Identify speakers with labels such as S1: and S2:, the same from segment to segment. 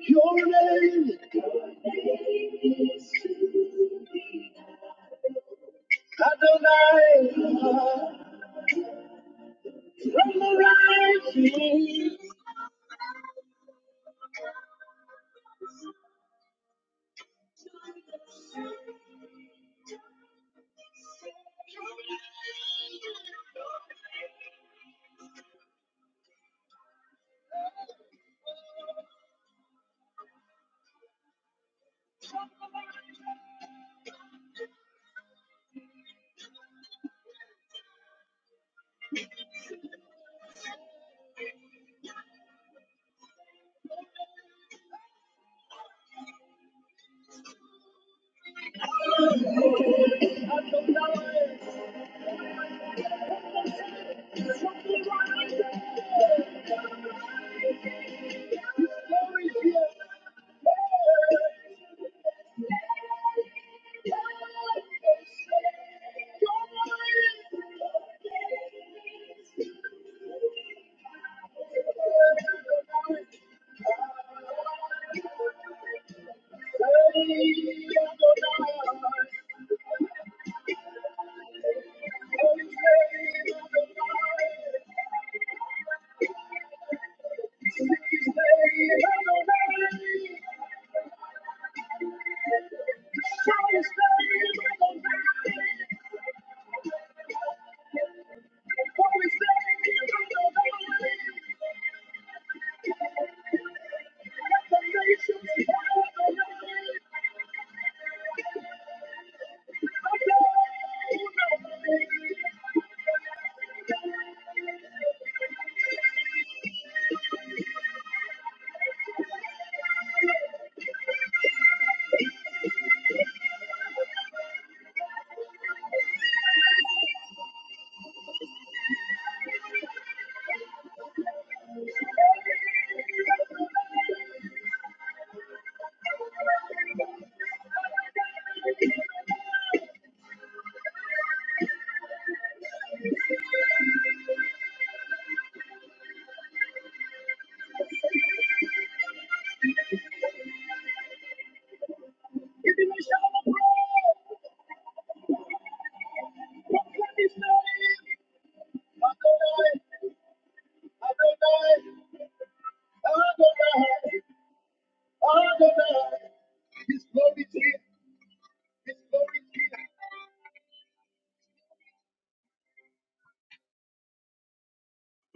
S1: Your name is Adonai. From the rising to the setting of the sun, the sun is setting for the setting of the sun. The nations bow down.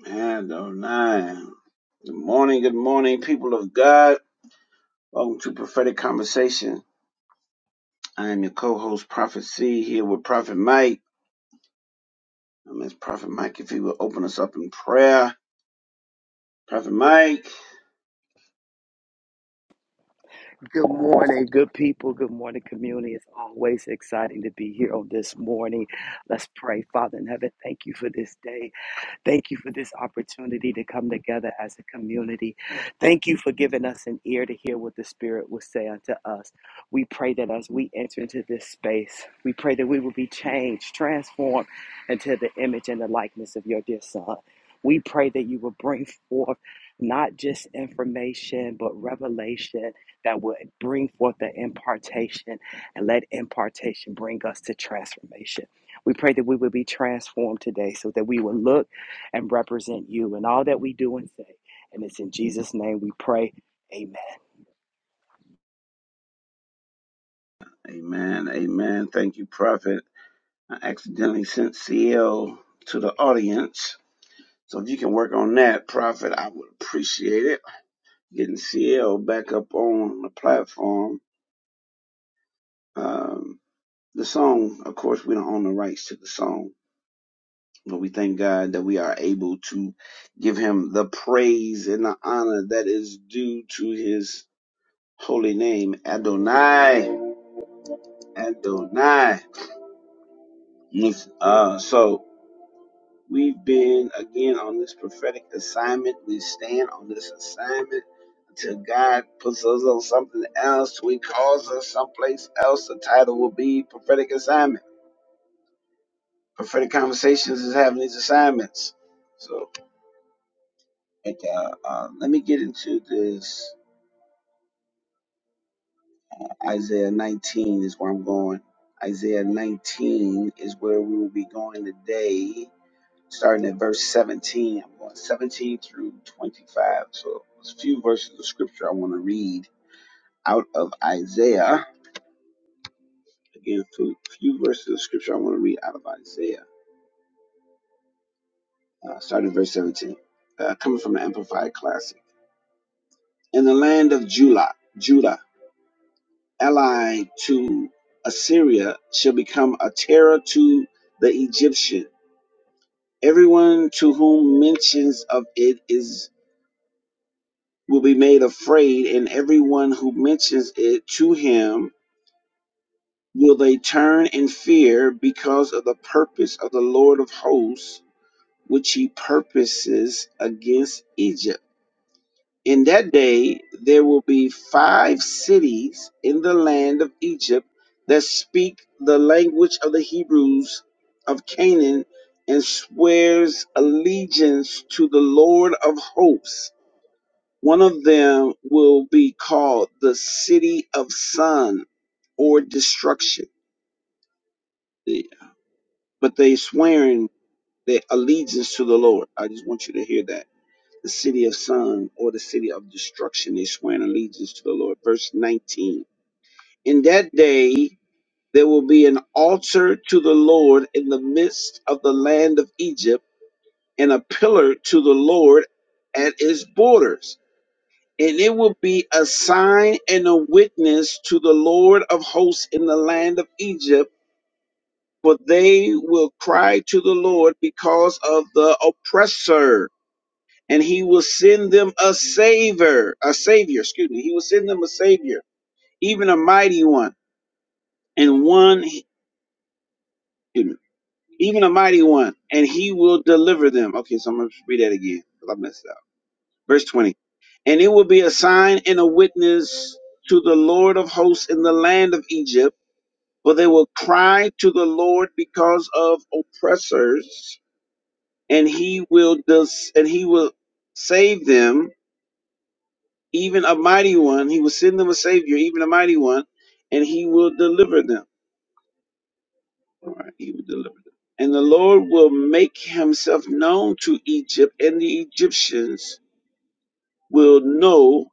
S1: And oh nine. Good morning, good morning, people of God. Welcome to Prophetic Conversation. I am your co-host, Prophet C, here with Prophet Mike. I'm as Prophet Mike if he will open us up in prayer. Prophet Mike.
S2: Good morning, good people. Good morning, community. It's always exciting to be here on this morning. Let's pray, Father in heaven. Thank you for this day. Thank you for this opportunity to come together as a community. Thank you for giving us an ear to hear what the Spirit will say unto us. We pray that as we enter into this space, we pray that we will be changed, transformed into the image and the likeness of your dear Son. We pray that you will bring forth not just information, but revelation that will bring forth the impartation and let impartation bring us to transformation. We pray that we will be transformed today so that we will look and represent you in all that we do and say. And it's in Jesus' name we pray. Amen.
S1: Amen. Amen. Thank you, Prophet. I accidentally sent CL to the audience. So if you can work on that, Prophet, I would appreciate it. Getting CL back up on the platform. Um, the song, of course, we don't own the rights to the song, but we thank God that we are able to give him the praise and the honor that is due to his holy name, Adonai. Adonai. Yes, Uh, so We've been again on this prophetic assignment. We stand on this assignment until God puts us on something else. We calls us someplace else. The title will be prophetic assignment. Prophetic conversations is having these assignments. So, it, uh, uh, let me get into this. Isaiah 19 is where I'm going. Isaiah 19 is where we will be going today. starting at verse 17. I'm going 17 through 25. So there's a few verses of scripture I want to read out of Isaiah. Again, a few verses of scripture I want to read out of Isaiah, uh, starting at verse 17, uh, coming from the Amplified Classic. In the land of Judah, Judah, allied to Assyria, shall become a terror to the Egyptian. Everyone to whom mentions of it is will be made afraid, and everyone who mentions it to him will they turn in fear because of the purpose of the Lord of hosts, which he purposes against Egypt. In that day there will be five cities in the land of Egypt that speak the language of the Hebrews of Canaan and swears allegiance to the Lord of hosts One of them will be called the City of Sun or Destruction. Yeah. But they swearing their allegiance to the Lord. I just want you to hear that. The City of Sun or the City of Destruction, they swearing allegiance to the Lord. Verse 19. In that day there will be an altar to the Lord in the midst of the land of Egypt, and a pillar to the Lord at its borders and it will be a sign and a witness to the Lord of hosts in the land of Egypt, for they will cry to the Lord because of the oppressor, and he will send them a savior, a savior, excuse me, he will send them a savior, even a mighty one, and one, excuse me, even a mighty one, and he will deliver them. Okay, so I'm gonna read that again because I messed up. Verse 20. And it will be a sign and a witness to the Lord of hosts in the land of Egypt, for they will cry to the Lord because of oppressors, and he will dis- and he will save them, even a mighty one. He will send them a savior, even a mighty one, and he will deliver them. All right, he will deliver them. And the Lord will make himself known to Egypt, and the Egyptians will know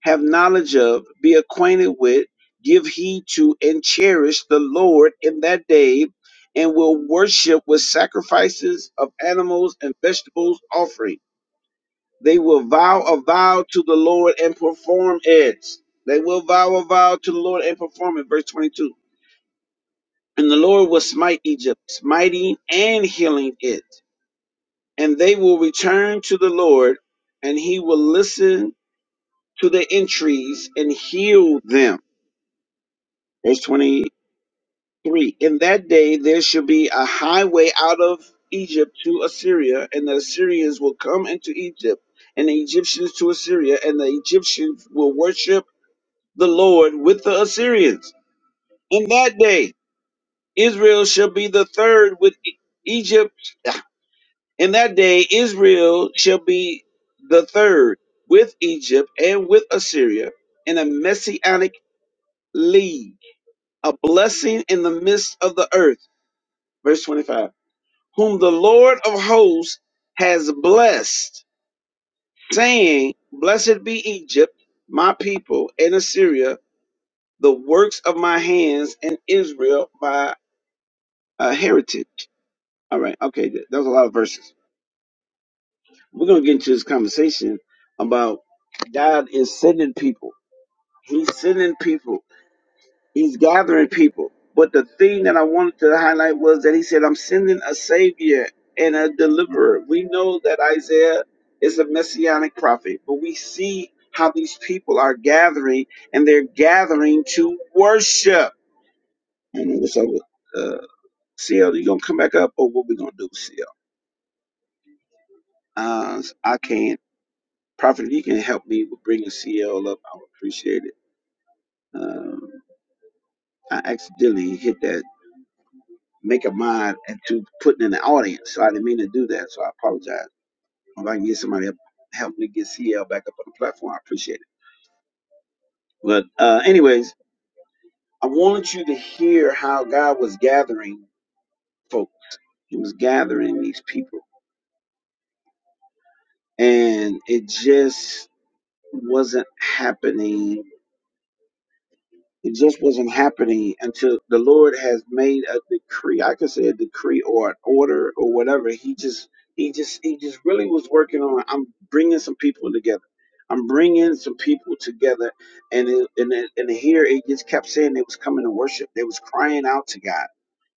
S1: have knowledge of, be acquainted with, give heed to, and cherish the Lord in that day, and will worship with sacrifices of animals and vegetables offering. They will vow a vow to the Lord and perform it. They will vow a vow to the Lord and perform it. Verse 22. And the Lord will smite Egypt, smiting and healing it. And they will return to the Lord, and he will listen to their entreaties and heal them. Verse 20 3 In that day there shall be a highway out of Egypt to Assyria, and the Assyrians will come into Egypt, and the Egyptians to Assyria, and the Egyptians will worship the Lord with the Assyrians. In that day Israel shall be the third with E- Egypt. In that day Israel shall be the third with Egypt and with Assyria in a messianic league, a blessing in the midst of the earth. Verse 25. whom the Lord of hosts has blessed, saying, Blessed be Egypt, my people, and Assyria, the works of my hands, and Israel, my uh, heritage. All right, okay, th- that was a lot of verses. We're going to get into this conversation about God is sending people. He's sending people He's gathering people. But the thing that I wanted to highlight was that he said, I'm sending a savior and a deliverer. We know that Isaiah is a messianic prophet, but we see how these people are gathering and they're gathering to worship. I don't know what's up with uh, CL. You going to come back up or what we going to do, CL? Uh, I can't. Prophet, if you can help me with bringing CL up, I would appreciate it. Um, I accidentally hit that make a mind and to putting in the audience. So I didn't mean to do that. So I apologize. If I can get somebody to help me get CL back up on the platform, I appreciate it. But uh, anyways, I wanted you to hear how God was gathering folk. He was gathering these people, and it just wasn't happening It just wasn't happening until the Lord has made a decree. I could say a decree or an order or whatever. He just, he just, he just really was working on. I'm bringing some people together. I'm bringing some people together, and it, and it, and here it just kept saying they was coming to worship. They was crying out to God.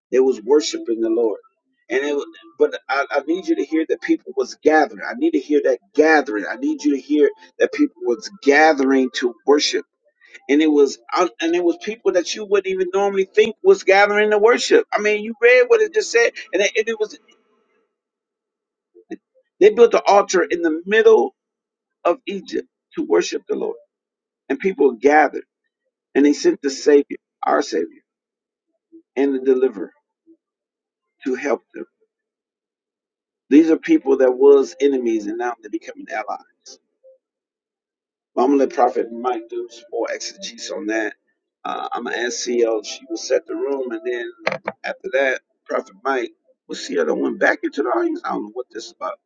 S1: They was worshiping the Lord. And it, was- but I, I need you to hear that people was gathering. I need to hear that gathering. I need you to hear that people was gathering to worship and it was out, and it was people that you wouldn't even normally think was gathering to worship. I mean, you read what it just said, and it, and it was they built an altar in the middle of Egypt to worship the Lord, and people gathered, and they sent the Savior, our Savior, and the Deliverer to help them. These are people that was enemies, and now they're becoming allies. But I'm gonna let Prophet Mike do some more exegesis on that. Uh, I'm gonna ask CL, she will set the room, and then after that, Prophet Mike will CL that went back into the audience. I don't know what this is about.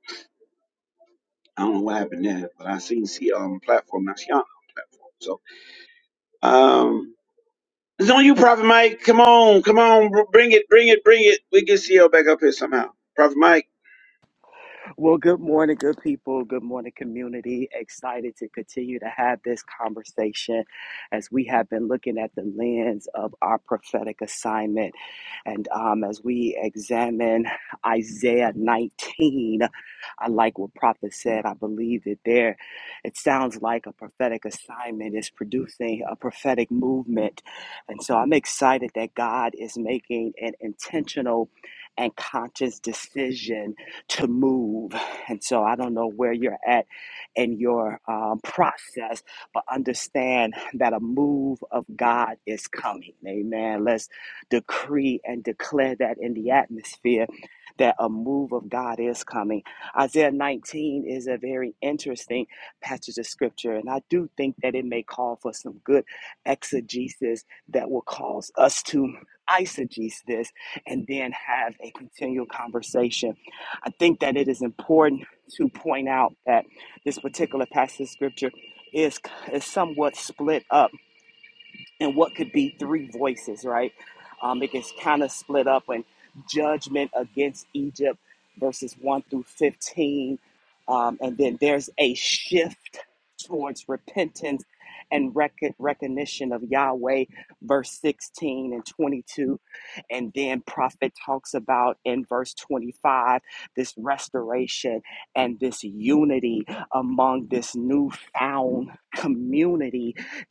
S1: I don't know what happened there, but I seen CL on the platform. Now she on the platform. So um, it's on you, Prophet Mike. Come on, come on, br- bring it, bring it, bring it. We get CL back up here somehow. Prophet Mike.
S2: Well, good morning, good people. Good morning, community. Excited to continue to have this conversation as we have been looking at the lens of our prophetic assignment. And um, as we examine Isaiah 19, I like what Prophet said. I believe that there, it sounds like a prophetic assignment is producing a prophetic movement. And so I'm excited that God is making an intentional and conscious decision to move. And so I don't know where you're at in your um, process, but understand that a move of God is coming. Amen. Let's decree and declare that in the atmosphere that a move of God is coming. Isaiah 19 is a very interesting passage of scripture, and I do think that it may call for some good exegesis that will cause us to. Eisegese this and then have a continual conversation I think that it is important to point out that this particular passage of scripture is, is somewhat split up and what could be three voices, right? Um, it gets kind of split up in judgment against Egypt, verses 1 through 15. Um, and then there's a shift towards repentance and rec- recognition of Yahweh, verse 16 and 22. And then prophet talks about in verse 25 this restoration and this unity among this newfound community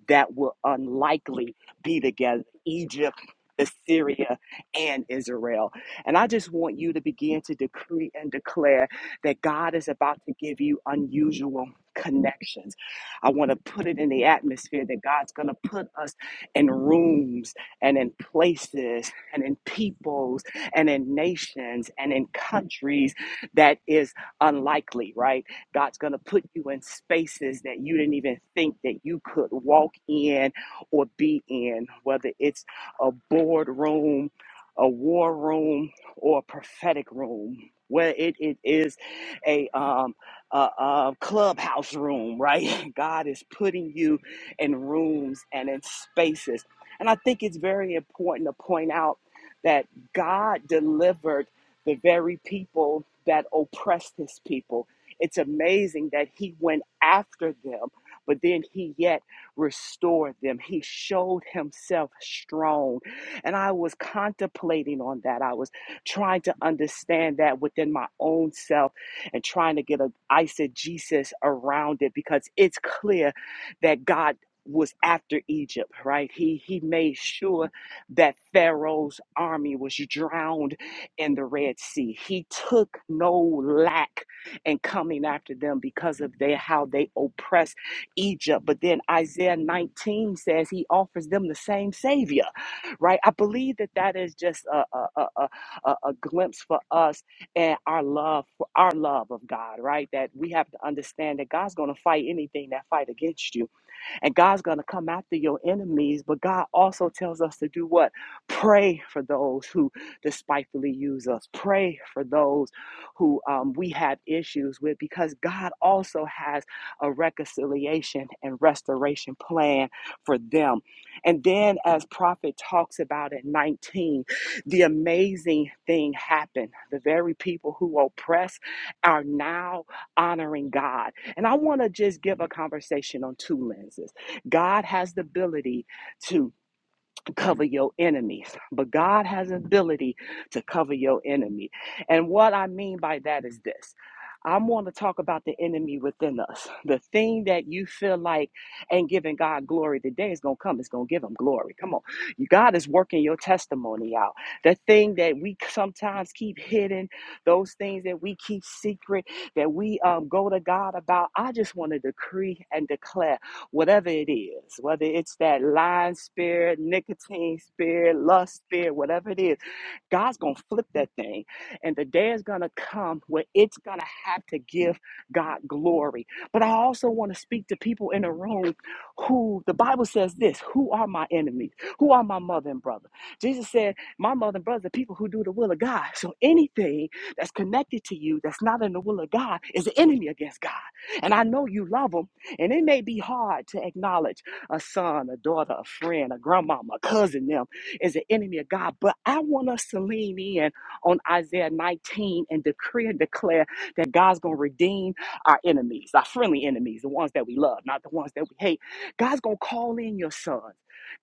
S2: that will unlikely be together Egypt, Assyria, and Israel. And I just want you to begin to decree and declare that God is about to give you unusual connections. I want to put it in the atmosphere that God's going to put us in rooms and in places and in peoples and in nations and in countries that is unlikely, right? God's going to put you in spaces that you didn't even think that you could walk in or be in, whether it's a boardroom, a war room, or a prophetic room. Where it, it is a, um, a, a clubhouse room, right? God is putting you in rooms and in spaces. And I think it's very important to point out that God delivered the very people that oppressed his people. It's amazing that he went after them, but then he yet restored them. He showed himself strong. And I was contemplating on that. I was trying to understand that within my own self and trying to get an eisegesis around it because it's clear that God was after Egypt, right? He he made sure that Pharaoh's army was drowned in the Red Sea. He took no lack and coming after them because of their how they oppress Egypt. But then Isaiah 19 says he offers them the same savior, right? I believe that that is just a a, a, a, a a glimpse for us and our love for our love of God, right? That we have to understand that God's going to fight anything that fight against you and God's going to come after your enemies, but God also tells us to do what? Pray for those who despitefully use us. Pray for those who um, we have issues with because God also has a reconciliation and restoration plan for them. And then, as Prophet talks about at 19, the amazing thing happened. The very people who oppress are now honoring God. And I want to just give a conversation on two lenses. God has the ability to cover your enemies, but God has the ability to cover your enemy. And what I mean by that is this. I want to talk about the enemy within us. The thing that you feel like ain't giving God glory The day is going to come. It's going to give him glory. Come on. God is working your testimony out. The thing that we sometimes keep hidden, those things that we keep secret, that we um, go to God about. I just want to decree and declare whatever it is, whether it's that lying spirit, nicotine spirit, lust spirit, whatever it is, God's going to flip that thing. And the day is going to come where it's going to have to give God glory. But I also want to speak to people in the room who, the Bible says this, who are my enemies? Who are my mother and brother? Jesus said, my mother and brother, are people who do the will of God. So anything that's connected to you that's not in the will of God is an enemy against God. And I know you love them. And it may be hard to acknowledge a son, a daughter, a friend, a grandmama, a cousin, them is an enemy of God. But I want us to lean in on Isaiah 19 and decree and declare that God's going to redeem our enemies, our friendly enemies, the ones that we love, not the ones that we hate. God's going to call in your sons.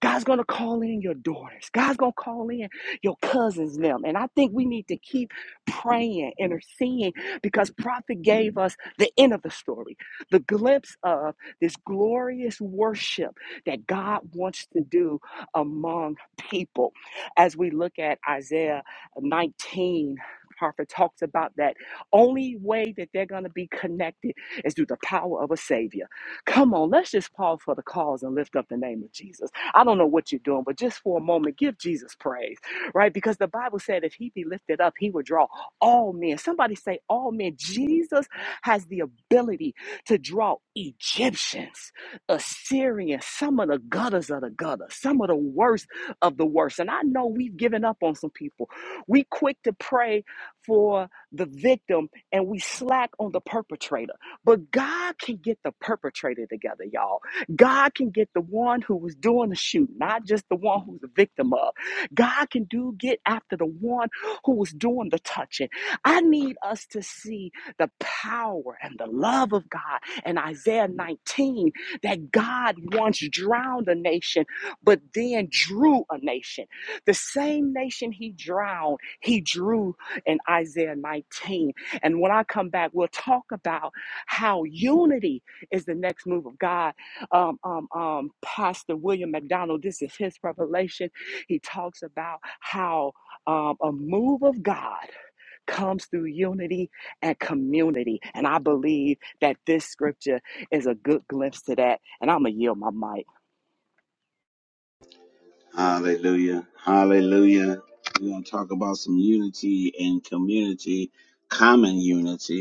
S2: God's going to call in your daughters. God's going to call in your cousins, them. And I think we need to keep praying, interceding, because prophet gave us the end of the story the glimpse of this glorious worship that God wants to do among people. As we look at Isaiah 19, prophet talks about that only way that they're going to be connected is through the power of a savior. Come on, let's just pause for the cause and lift up the name of Jesus. I don't know what you're doing, but just for a moment, give Jesus praise, right? Because the Bible said if he be lifted up, he would draw all men. Somebody say, all men. Jesus has the ability to draw Egyptians, Assyrians, some of the gutters of the gutter, some of the worst of the worst. And I know we've given up on some people. We quick to pray for the victim and we slack on the perpetrator. But God can get the perpetrator together, y'all. God can get the one who was doing the shoot, not just the one who's the victim of. God can do get after the one who was doing the touching. I need us to see the power and the love of God. And Isaiah 19, that God once drowned a nation, but then drew a nation. The same nation he drowned, he drew in Isaiah 19. And when I come back, we'll talk about how unity is the next move of God. Um, um, um, Pastor William McDonald, this is his revelation. He talks about how um, a move of God comes through unity and community. And I believe that this scripture is a good glimpse to that. And I'm going to yield my mic.
S1: Hallelujah, hallelujah. We're gonna talk about some unity and community, common unity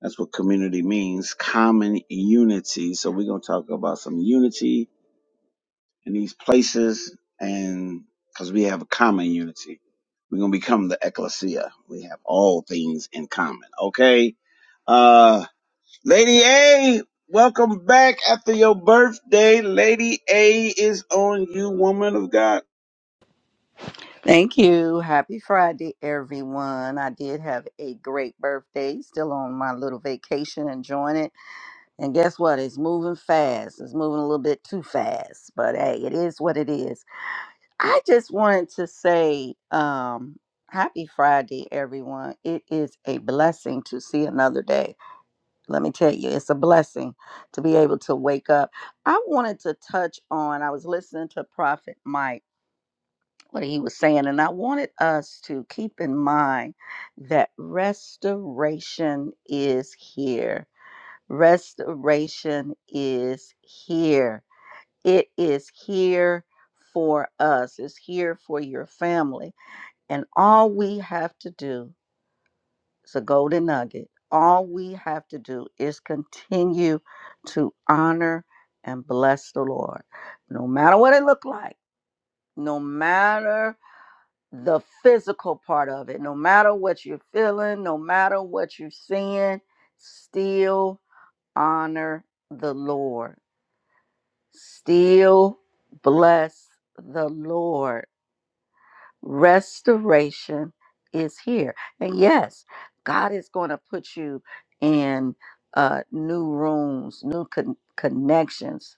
S1: That's what community means, common unity. So we're going to talk about some unity in these places and because we have a common unity. We're going to become the ecclesia. We have all things in common. Okay. Uh, Lady A, welcome back after your birthday. Lady A is on you, woman of God.
S3: Thank you. Happy Friday, everyone. I did have a great birthday. Still on my little vacation, enjoying it. And guess what? It's moving fast. It's moving a little bit too fast, but hey, it is what it is. I just wanted to say, um, Happy Friday, everyone. It is a blessing to see another day. Let me tell you, it's a blessing to be able to wake up. I wanted to touch on, I was listening to Prophet Mike what he was saying. And I wanted us to keep in mind that restoration is here. Restoration is here. It is here for us, it's here for your family. And all we have to do is a golden nugget. All we have to do is continue to honor and bless the Lord, no matter what it looked like, no matter the physical part of it. No matter what you're feeling, no matter what you're seeing, still honor the Lord. Still bless the Lord restoration is here and yes god is going to put you in uh new rooms new con- connections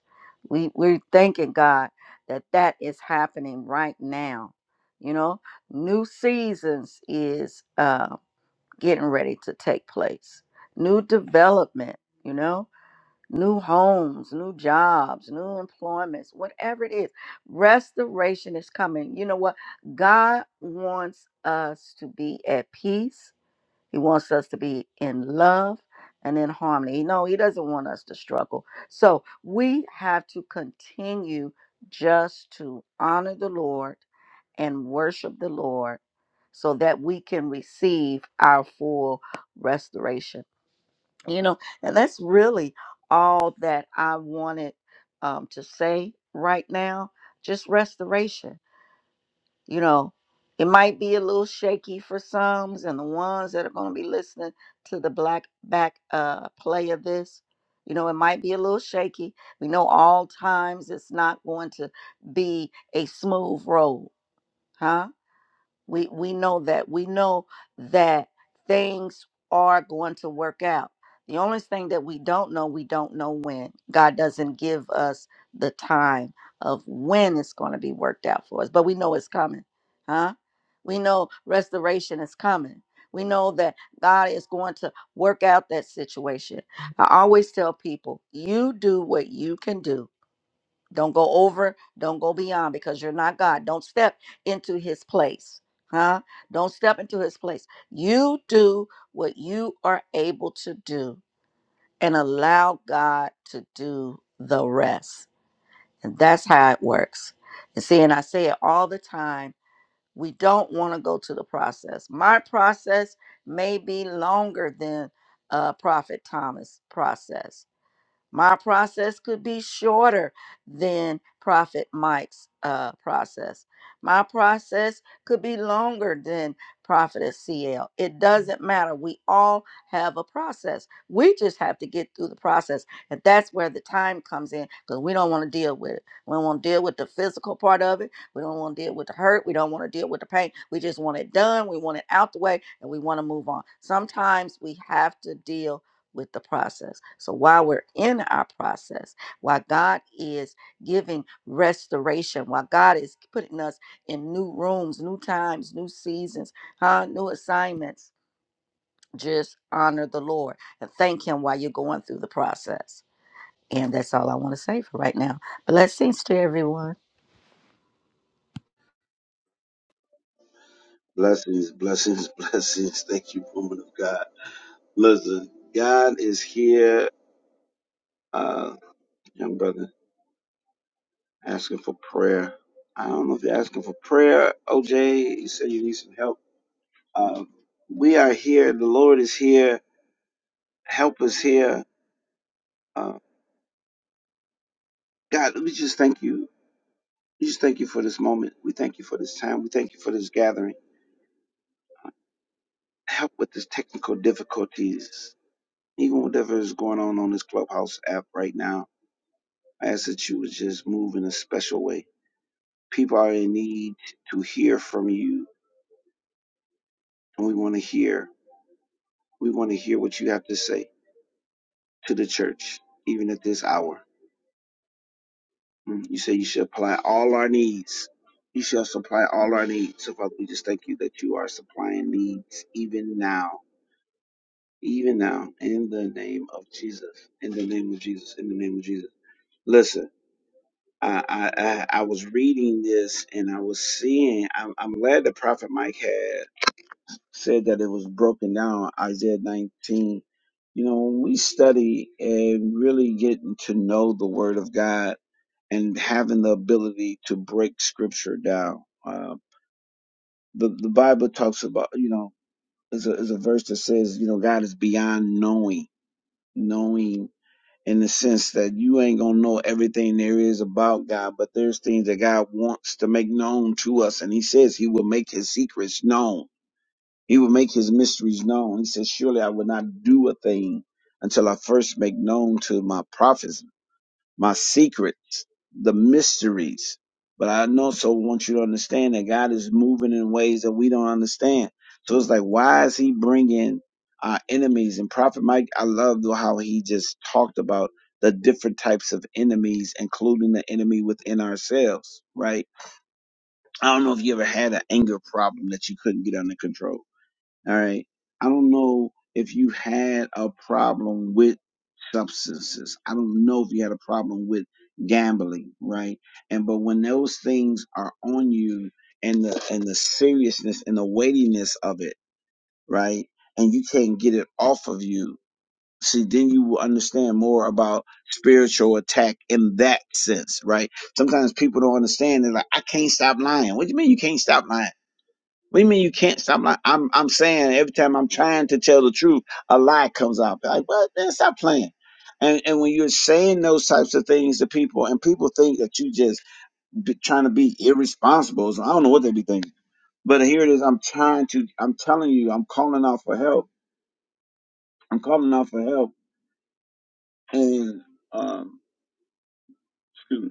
S3: we we're thanking god that that is happening right now you know new seasons is uh getting ready to take place new development you know new homes, new jobs, new employments, whatever it is. Restoration is coming. You know what? God wants us to be at peace. He wants us to be in love and in harmony. No, he doesn't want us to struggle. So we have to continue just to honor the Lord and worship the Lord so that we can receive our full restoration you know and that's really all that i wanted um, to say right now just restoration you know it might be a little shaky for some and the ones that are going to be listening to the black back uh, play of this you know it might be a little shaky we know all times it's not going to be a smooth road huh we we know that. We know that things are going to work out. The only thing that we don't know, we don't know when. God doesn't give us the time of when it's going to be worked out for us, but we know it's coming. Huh? We know restoration is coming. We know that God is going to work out that situation. I always tell people, you do what you can do don't go over, don't go beyond because you're not God. Don't step into his place. Huh? Don't step into his place. You do what you are able to do and allow God to do the rest. And that's how it works. And see, and I say it all the time we don't want to go to the process. My process may be longer than uh, Prophet Thomas' process my process could be shorter than Prophet Mike's uh, process. My process could be longer than Prophetess CL. It doesn't matter. We all have a process. We just have to get through the process. And that's where the time comes in because we don't want to deal with it. We don't want to deal with the physical part of it. We don't want to deal with the hurt. We don't want to deal with the pain. We just want it done. We want it out the way and we want to move on. Sometimes we have to deal with the process. So while we're in our process, while God is giving restoration, while God is putting us in new rooms, new times, new seasons, huh, new assignments, just honor the Lord and thank Him while you're going through the process. And that's all I want to say for right now. Blessings to everyone.
S1: Blessings, blessings, blessings. Thank you, woman of God. Listen, God is here. Uh, young brother. asking for prayer. I don't know if you're asking for prayer, OJ. You said you need some help. Uh, we are here. The Lord is here. Help us here. Uh, God, we just thank you. We just thank you for this moment. We thank you for this time. We thank you for this gathering. Help with this technical difficulties, even whatever is going on on this Clubhouse app right now. I ask that you would just move in a special way. People are in need to hear from you, and we want to hear. We want to hear what you have to say. to the church, even at this hour. Mm, You say you should apply all our needs. You shall supply all our needs. So, Father, we just thank you that you are supplying needs even now, even now, in the name of Jesus, in the name of Jesus, in the name of Jesus. Listen, I I I, I was reading this and I was seeing. I'm, I'm glad that Prophet Mike had. said that it was broken down, Isaiah 19. You know, when we study and really getting to know the Word of God and having the ability to break Scripture down, uh, the, the Bible talks about, you know, is a, is a verse that says, you know, God is beyond knowing, knowing in the sense that you ain't going to know everything there is about God, but there's things that God wants to make known to us. And He says He will make His secrets known he will make his mysteries known. He says, Surely I will not do a thing until I first make known to my prophets my secrets, the mysteries. But I also want you to understand that God is moving in ways that we don't understand. So it's like, why is he bringing our enemies? And Prophet Mike, I love how he just talked about the different types of enemies, including the enemy within ourselves, right? I don't know if you ever had an anger problem that you couldn't get under control all right. I don't know if you had a problem with substances. I don't know if you had a problem with gambling, right? And but when those things are on you and the and the seriousness and the weightiness of it, right? And you can't get it off of you. See, then you will understand more about spiritual attack in that sense, right? Sometimes people don't understand. They're like, I can't stop lying. What do you mean you can't stop lying? What do you mean you can't stop? lying? I'm I'm saying every time I'm trying to tell the truth, a lie comes out. Like, well, man, stop playing. And and when you're saying those types of things to people, and people think that you just be, trying to be irresponsible, so I don't know what they be thinking. But here it is. I'm trying to. I'm telling you. I'm calling out for help. I'm calling out for help. And um, excuse me.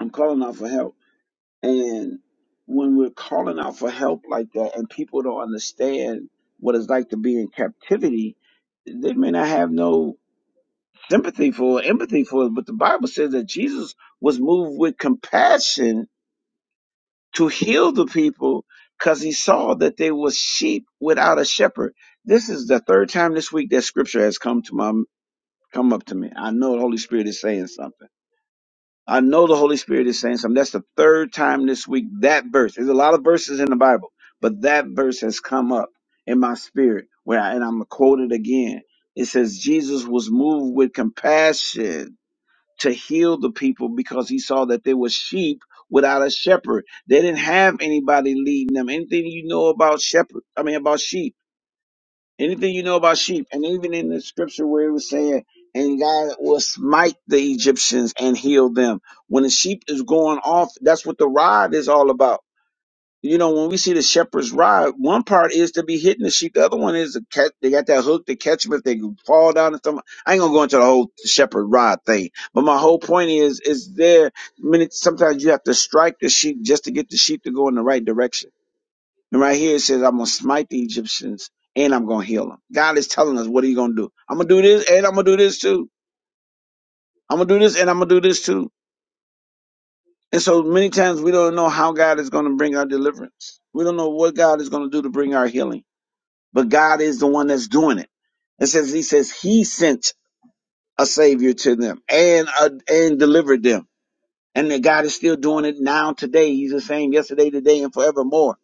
S1: I'm calling out for help And when we're calling out for help like that and people don't understand what it's like to be in captivity, they may not have no sympathy for or empathy for it. But the Bible says that Jesus was moved with compassion to heal the people because he saw that they were sheep without a shepherd. This is the third time this week that scripture has come to my come up to me. I know the Holy Spirit is saying something I know the Holy Spirit is saying something. That's the third time this week that verse. There's a lot of verses in the Bible, but that verse has come up in my spirit. Where I, and I'm gonna quote it again. It says Jesus was moved with compassion to heal the people because he saw that they were sheep without a shepherd. They didn't have anybody leading them. Anything you know about shepherd, I mean about sheep Anything you know about sheep, and even in the scripture where it was saying, and God will smite the Egyptians and heal them. When the sheep is going off, that's what the rod is all about. You know, when we see the shepherd's rod, one part is to be hitting the sheep, the other one is to catch, they got that hook to catch them if they fall down or something. I ain't gonna go into the whole shepherd rod thing, but my whole point is, is there, I sometimes you have to strike the sheep just to get the sheep to go in the right direction. And right here it says, I'm going to smite the Egyptians and I'm going to heal them. God is telling us, what are you going to do? I'm going to do this and I'm going to do this too. I'm going to do this and I'm going to do this too. And so many times we don't know how God is going to bring our deliverance. We don't know what God is going to do to bring our healing. But God is the one that's doing it. It says, He says, He sent a savior to them and, uh, and delivered them. And that God is still doing it now today. He's the same yesterday, today, and forevermore.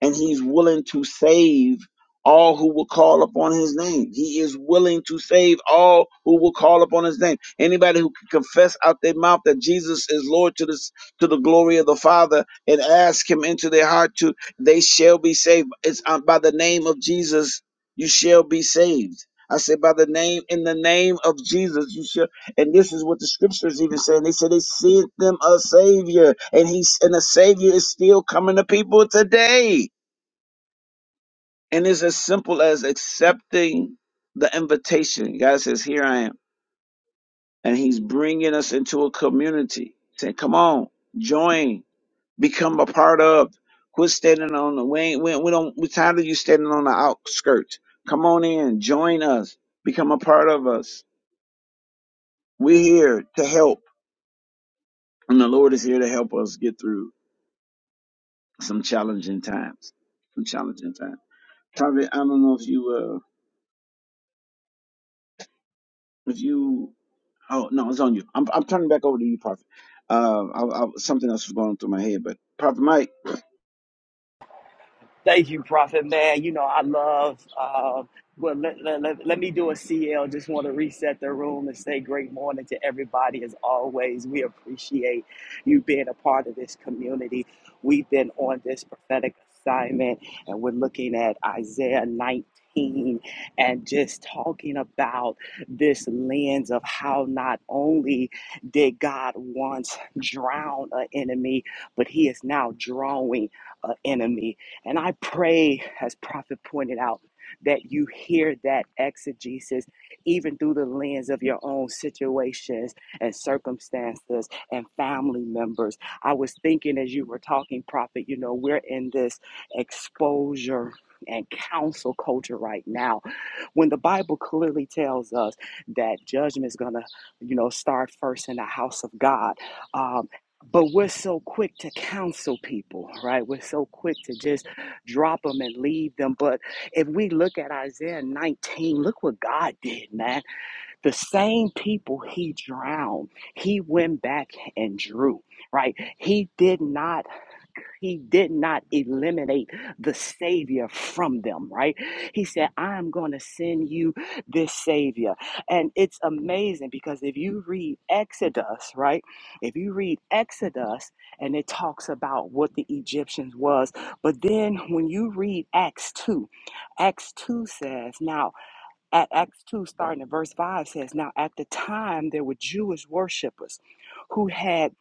S1: and he's willing to save all who will call upon his name. He is willing to save all who will call upon his name. Anybody who can confess out their mouth that Jesus is Lord to this to the glory of the Father and ask him into their heart to they shall be saved. It's uh, by the name of Jesus you shall be saved. I say by the name in the name of Jesus you shall and this is what the scriptures even say. They said they sent them a savior and he's and the savior is still coming to people today. And it's as simple as accepting the invitation. God says, Here I am. And He's bringing us into a community. Saying, Come on, join, become a part of. Quit standing on the, we, ain't, we, we don't, we're tired of you standing on the outskirts. Come on in, join us, become a part of us. We're here to help. And the Lord is here to help us get through some challenging times. Some challenging times. Probably, I don't know if you, uh, if you Oh no, it's on you. I'm I'm turning back over to you, Prophet. Uh, I, I, something else was going through my head, but Prophet Mike.
S2: Thank you, Prophet Man. You know, I love, um, well, let, let, let, let me do a CL. Just want to reset the room and say great morning to everybody. As always, we appreciate you being a part of this community. We've been on this prophetic assignment and we're looking at Isaiah 19 and just talking about this lens of how not only did God once drown an enemy, but he is now drawing an enemy and I pray, as Prophet pointed out, that you hear that exegesis even through the lens of your own situations and circumstances and family members. I was thinking as you were talking, Prophet, you know, we're in this exposure and counsel culture right now when the Bible clearly tells us that judgment is going to, you know, start first in the house of God. Um, but we're so quick to counsel people, right? We're so quick to just drop them and leave them. But if we look at Isaiah 19, look what God did, man. The same people he drowned, he went back and drew, right? He did not he did not eliminate the Savior from them, right? He said, I'm going to send you this Savior. And it's amazing because if you read Exodus, right? If you read Exodus and it talks about what the Egyptians was, but then when you read Acts 2, Acts 2 says, Now at Acts 2, starting at verse 5, says, Now at the time there were Jewish worshippers who had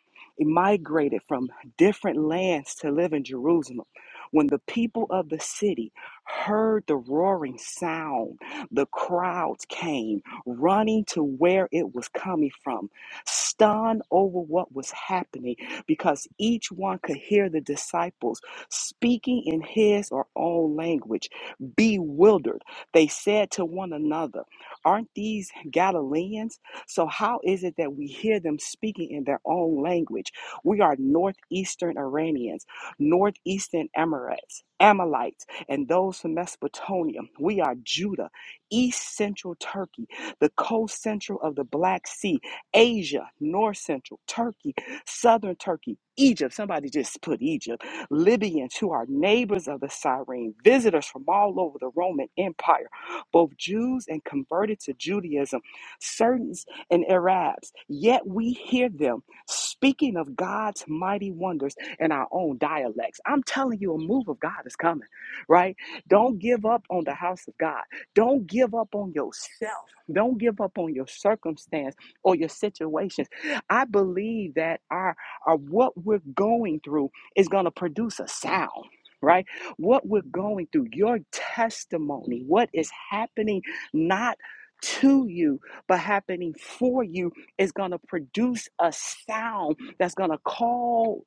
S2: migrated from different lands to live in Jerusalem. When the people of the city heard the roaring sound, the crowds came running to where it was coming from, stunned over what was happening because each one could hear the disciples speaking in his or own language, bewildered they said to one another, Aren't these Galileans? So, how is it that we hear them speaking in their own language? We are northeastern Iranians, northeastern Amorites, Amalekites, and those from Mesopotamia. We are Judah, east central Turkey, the coast central of the Black Sea, Asia, north central Turkey, southern Turkey, Egypt. Somebody just put Egypt Libyans who are neighbors of the Cyrene, visitors from all over the Roman Empire, both Jews and converted to Judaism, Certain and Arabs. Yet we hear them speaking of God's mighty wonders in our own dialects. I'm telling you, a move of God is coming, right? Don't give up on the house of God. Don't give up on yourself. Don't give up on your circumstance or your situations. I believe that our, our what we're going through is going to produce a sound, right? What we're going through, your testimony, what is happening not to you, but happening for you is going to produce a sound that's going to call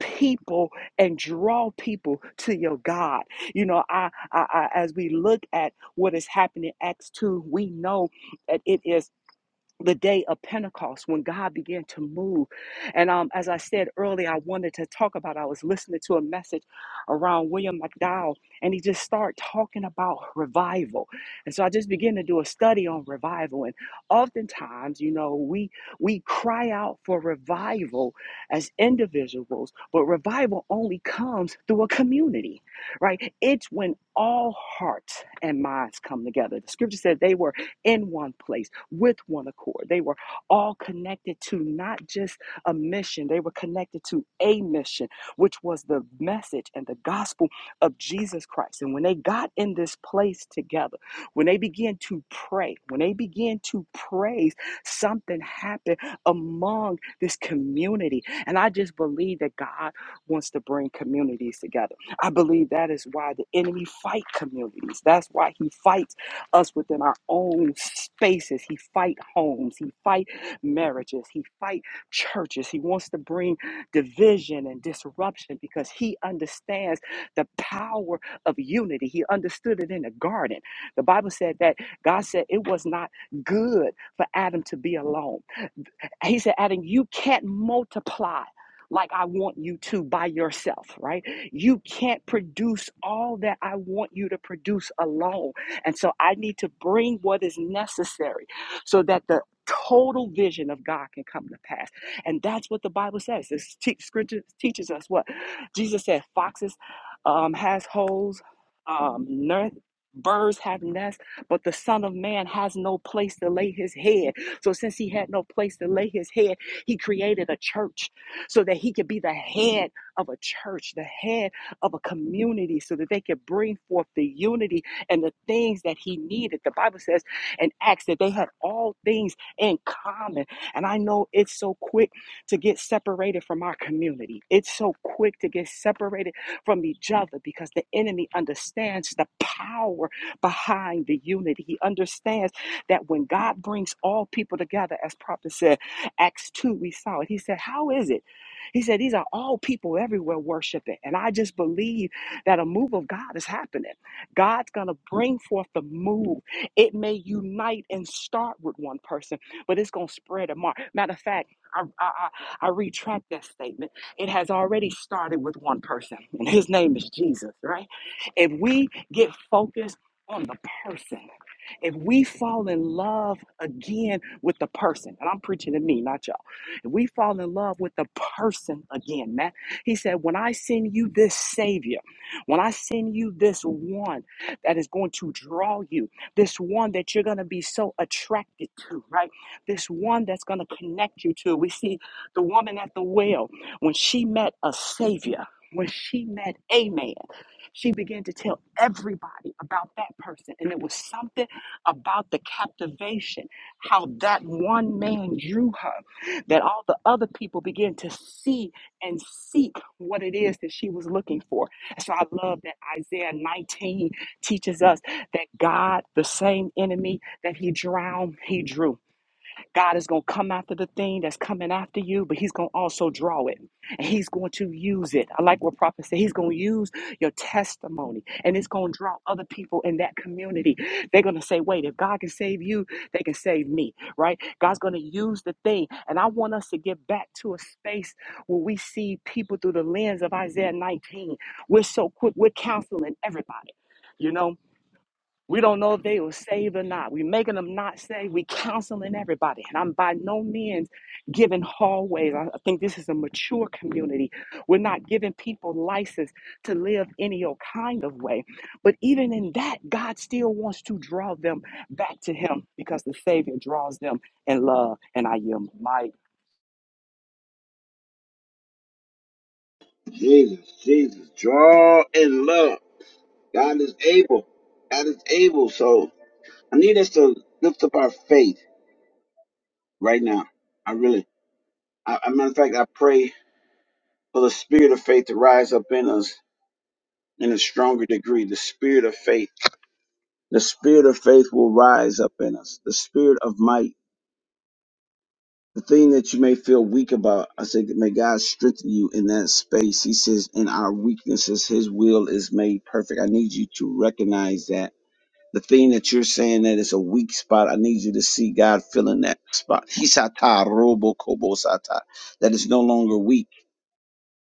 S2: people and draw people to your God. You know, I, I, I as we look at what is happening in Acts 2, we know that it is the day of Pentecost when God began to move. And um, as I said earlier, I wanted to talk about, I was listening to a message around William McDowell, and he just started talking about revival. And so I just began to do a study on revival. And oftentimes, you know, we we cry out for revival as individuals, but revival only comes through a community, right? It's when all hearts and minds come together. The scripture said they were in one place with one accord. They were all connected to not just a mission, they were connected to a mission, which was the message and the gospel of Jesus Christ. And when they got in this place together, when they began to pray, when they began to praise, something happened among this community. And I just believe that God wants to bring communities together. I believe that is why the enemy fight communities. That's why he fights us within our own spaces. He fight homes. He fight marriages. He fight churches. He wants to bring division and disruption because he understands the power of unity. He understood it in the garden. The Bible said that God said it was not good for Adam to be alone. He said, Adam, you can't multiply like I want you to by yourself, right? You can't produce all that I want you to produce alone. And so I need to bring what is necessary so that the total vision of God can come to pass. And that's what the Bible says. This te- scripture teaches us what Jesus said foxes um, has holes, um, ner- birds have nests, but the Son of Man has no place to lay his head. So, since he had no place to lay his head, he created a church so that he could be the head of a church, the head of a community, so that they could bring forth the unity and the things that he needed. The Bible says in Acts that they had all things in common. And I know it's so quick to get separated from our community, it's so quick to get separated from each other because the enemy understands the power behind the unity. He understands that when God brings all people together, as prophet said, Acts 2, we saw it. He said, How is it? He said, These are all people everywhere worshiping. And I just believe that a move of God is happening. God's going to bring forth the move. It may unite and start with one person, but it's going to spread among. Matter of fact, I, I, I I retract that statement. It has already started with one person, and his name is Jesus, right? If we get focused on the person, if we fall in love again with the person, and I'm preaching to me, not y'all. If we fall in love with the person again, man, he said, when I send you this Savior, when I send you this one that is going to draw you, this one that you're going to be so attracted to, right? This one that's going to connect you to. We see the woman at the well, when she met a Savior, when she met a man, she began to tell everybody about that person. And it was something about the captivation, how that one man drew her, that all the other people began to see and seek what it is that she was looking for. So I love that Isaiah 19 teaches us that God, the same enemy that he drowned, he drew. God is going to come after the thing that's coming after you, but He's going to also draw it and He's going to use it. I like what Prophet said. He's going to use your testimony and it's going to draw other people in that community. They're going to say, wait, if God can save you, they can save me, right? God's going to use the thing. And I want us to get back to a space where we see people through the lens of Isaiah 19. We're so quick, we're counseling everybody. You know, we don't know if they were saved or not. We're making them not saved. we counseling everybody. And I'm by no means giving hallways. I I think this is a mature community. We're not giving people license to live any old kind of way. But even in that, God still wants to draw them back to Him because the Savior draws them in love. And I am.
S1: Jesus, Jesus, draw in love. God is able. God is able. So I need us to lift up our faith right now. I really, I, I matter of fact, I pray for the spirit of faith to rise up in us in a stronger degree. The spirit of faith. The spirit of faith will rise up in us. The spirit of might. the thing that you may feel weak about, I said, may God strengthen you in that space. He says, in our weaknesses, His will is made perfect. I need you to recognize that. The thing that you're saying that is a weak spot, I need you to see God filling that spot. Hisata robo kobo sata. That is no longer weak.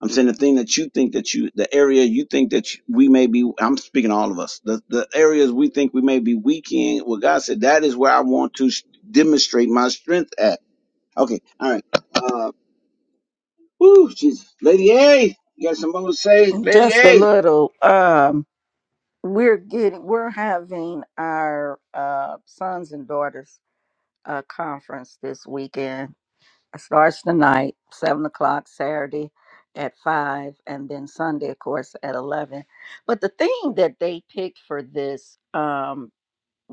S1: I'm saying the thing that you think that you, the area you think that you, we may be, I'm speaking to all of us, the, the areas we think we may be weak in, well, God said, that is where I want to sh- demonstrate my strength at. Okay, all right. Uh, woo, Jesus. Lady A, you got some more to say? Lady
S3: Just a
S1: A.
S3: little. Um, we're getting, we're having our uh, sons and daughters uh, conference this weekend. It starts tonight, seven o'clock Saturday at five, and then Sunday, of course, at eleven. But the theme that they picked for this um,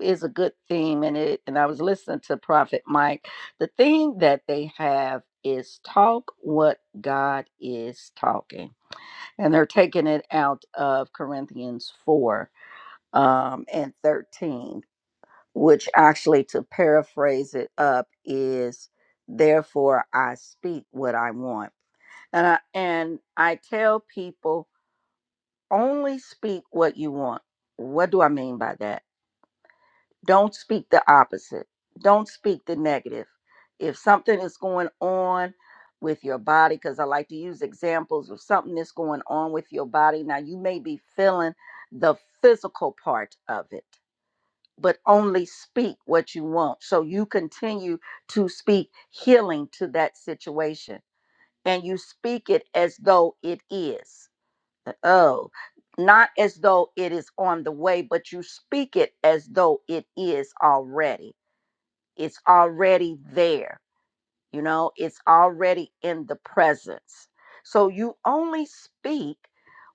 S3: is a good theme, and it. And I was listening to Prophet Mike. The theme that they have is talk what God is talking, and they're taking it out of Corinthians four um, and thirteen which actually, to paraphrase it up, is therefore I speak what I want. And I, and I tell people only speak what you want. What do I mean by that? Don't speak the opposite, don't speak the negative. If something is going on, with your body, because I like to use examples of something that's going on with your body. Now, you may be feeling the physical part of it but only speak what you want. So you continue to speak healing to that situation and you speak it as though it is. Uh, Oh, not as though it is on the way, but you speak it as though it is already. It's already there. You know, it's already in the presence. So you only speak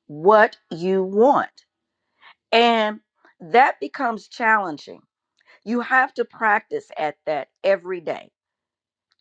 S3: what you want. And that becomes challenging you have to practice at that every day.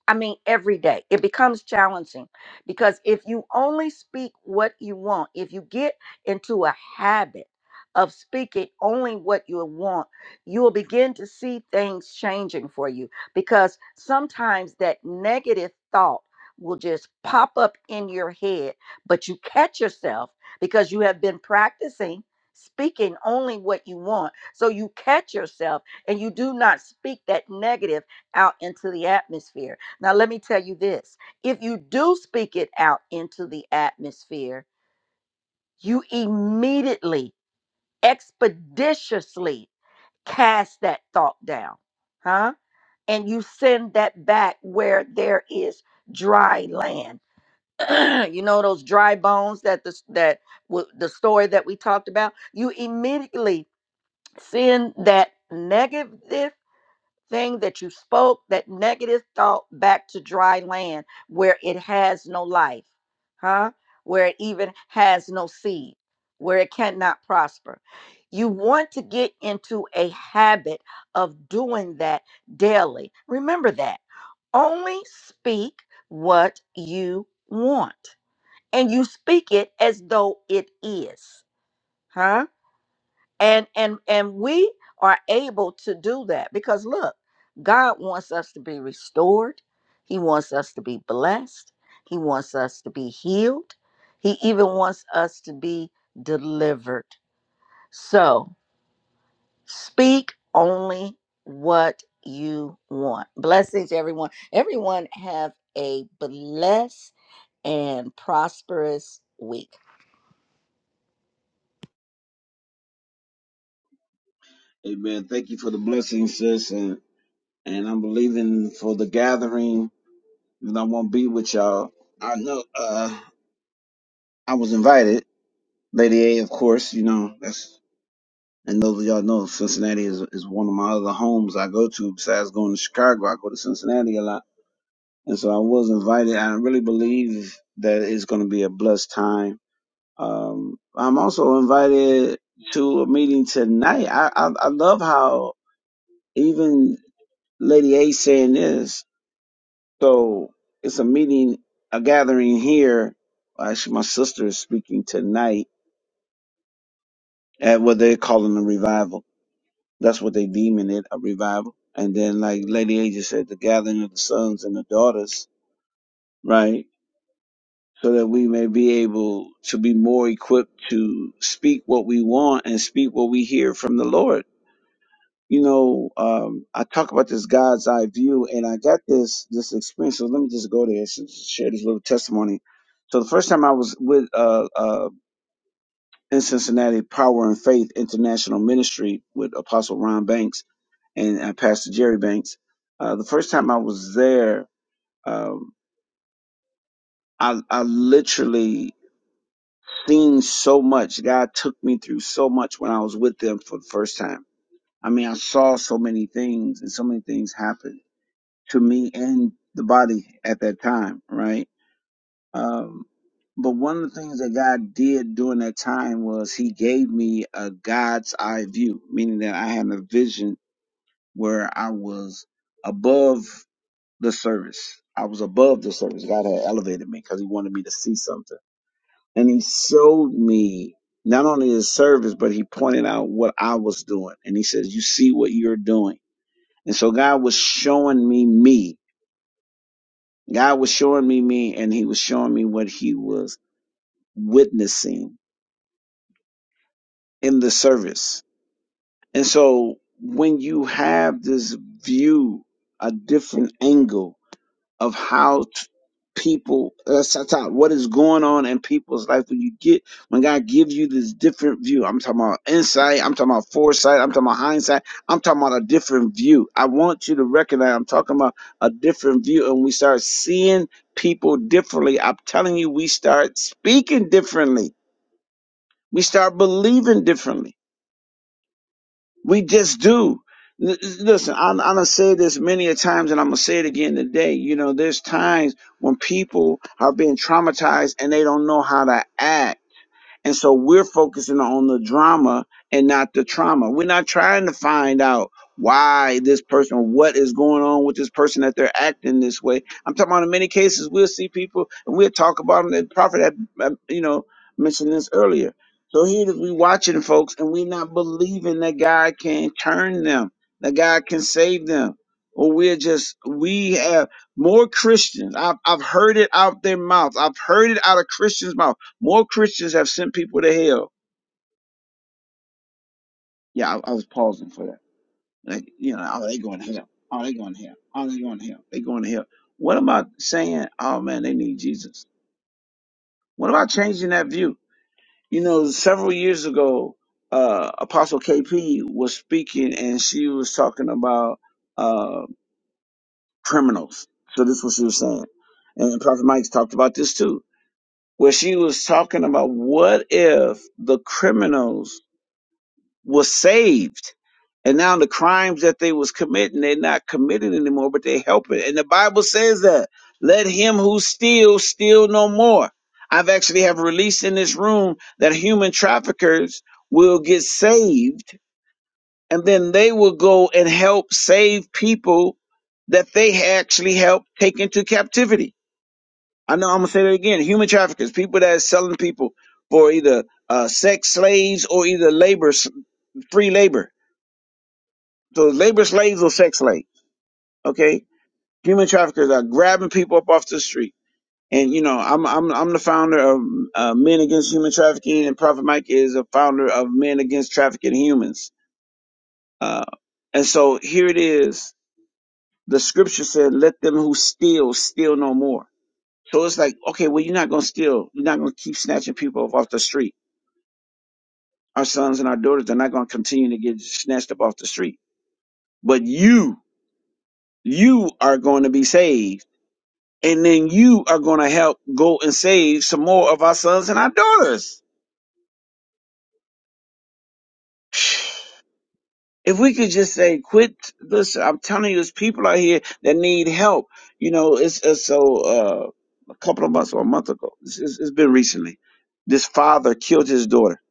S3: I mean, every day. It becomes challenging because if you only speak what you want, if you get into a habit of speaking only what you want, you will begin to see things changing for you because sometimes that negative thought will just pop up in your head, but you catch yourself because you have been practicing speaking only what you want. So you catch yourself and you do not speak that negative out into the atmosphere now, let me tell you this if you do speak it out into the atmosphere, you immediately, expeditiously cast that thought down, huh? And you send that back where there is dry land. you know those dry bones that the that w- the story that we talked about. You immediately send that negative thing that you spoke, that negative thought back to dry land where it has no life, huh? Where it even has no seed, where it cannot prosper. You want to get into a habit of doing that daily. Remember that. Only speak what you want, and you speak it as though it is, huh? and and and we are able to do that because look god wants us to be restored he wants us to be blessed he wants us to be healed he even wants us to be delivered so speak only what you want blessings everyone everyone have a blessed and prosperous week
S1: Amen. Thank you for the blessing, sis. And, and I'm believing for the gathering, and I won't be with y'all. I know uh, I was invited. Lady A, of course, you know, that's, and those of y'all know Cincinnati is, is one of my other homes I go to. Besides going to Chicago, I go to Cincinnati a lot. And so I was invited. I really believe that it's going to be a blessed time Um, I'm also invited to a meeting tonight. I, I, I love how even Lady A saying this. So it's a meeting, a gathering here. Actually, my sister is speaking tonight at what they're calling a revival. That's what they deeming it, a revival. And then, like Lady A just said, the gathering of the sons and the daughters, right? So that we may be able to be more equipped to speak what we want and speak what we hear from the Lord you know, um, I talk about this God's eye view, and I got this this experience. So let me just go there and sh- share this little testimony. So the first time I was with uh, uh, in Cincinnati Power and Faith International Ministry with Apostle Ron Banks and uh, Pastor Jerry Banks. Uh, the first time I was there, um, I I literally seen so much. God took me through so much when I was with them for the first time. I mean, I saw so many things, and so many things happened to me and the body at that time, right? Um, but one of the things that God did during that time was He gave me a God's eye view, meaning that I had a vision where I was above the service. I was above the service. God had elevated me because He wanted me to see something. And He showed me not only His service, but He pointed out what I was doing. And He says, You see what you're doing. And so God was showing me me God was showing me me and he was showing me what he was witnessing in the service. And so when you have this view, a different angle of how t- people that's that's how- what is going on in people's life when you get when God gives you this different view. I'm talking about insight, I'm talking about foresight, I'm talking about hindsight, I'm talking about a different view. I want you to recognize I'm talking about a different view and we start seeing people differently. I'm telling you, we start speaking differently. We start believing differently. We just do. L- Listen, I'm, I'm gonna say this many a times, and I'm gonna say it again today. You know, there's times when people are being traumatized and they don't know how to act. And so we're focusing on the drama and not the trauma. We're not trying to find out why this person, or what is going on with this person that they're acting this way. I'm talking about in many cases, we'll see people and we'll talk about them. The prophet had, uh, you know, mentioned this earlier. So here it is, we watching folks and we're not believing that God can turn them, that God can save them. Or we're just, we have more Christians. I've, I've heard it out their mouths. I've heard it out of Christians' mouth more Christians have sent people to hell. Yeah, I, I was pausing for that. Like, you know, oh, they going to hell. Oh, they going to hell. Oh, they going to hell. They going to hell. What am I saying? Oh man, they need Jesus. What about changing that view? You know, several years ago, uh, Apostle KP was speaking and she was talking about uh, criminals. So this is what she was saying. And Prophet Mike's talked about this too, where she was talking about what if the criminals was saved. And now the crimes that they was committing, they're not committing anymore, but they helping. And the Bible says that. Let him who steals steal no more. I've actually have released in this room that human traffickers will get saved and then they will go and help save people that they actually helped take into captivity. I know I'm gonna say that again. Human traffickers, people that are selling people for either uh, sex slaves or either labor, free labor so labor slaves or sex slaves. Okay. Human traffickers are grabbing people up off the street. And you know, I'm I'm I'm the founder of uh, Men Against Human Trafficking, and Prophet Mike is a founder of Men Against Trafficking Humans. Uh, and so here it is. The scripture said, "Let them who steal steal no more." So it's like, okay, well, you're not gonna steal. You're not gonna keep snatching people up off the street. Our sons and our daughters are not gonna continue to get snatched up off the street. But you, you are going to be saved and then you are going to help go and save some more of our sons and our daughters. If we could just say, quit this, I'm telling you, there's people out here that need help. You know, it's, it's so, uh, a couple of months or a month ago, it's, it's it's been recently, this father killed his daughter,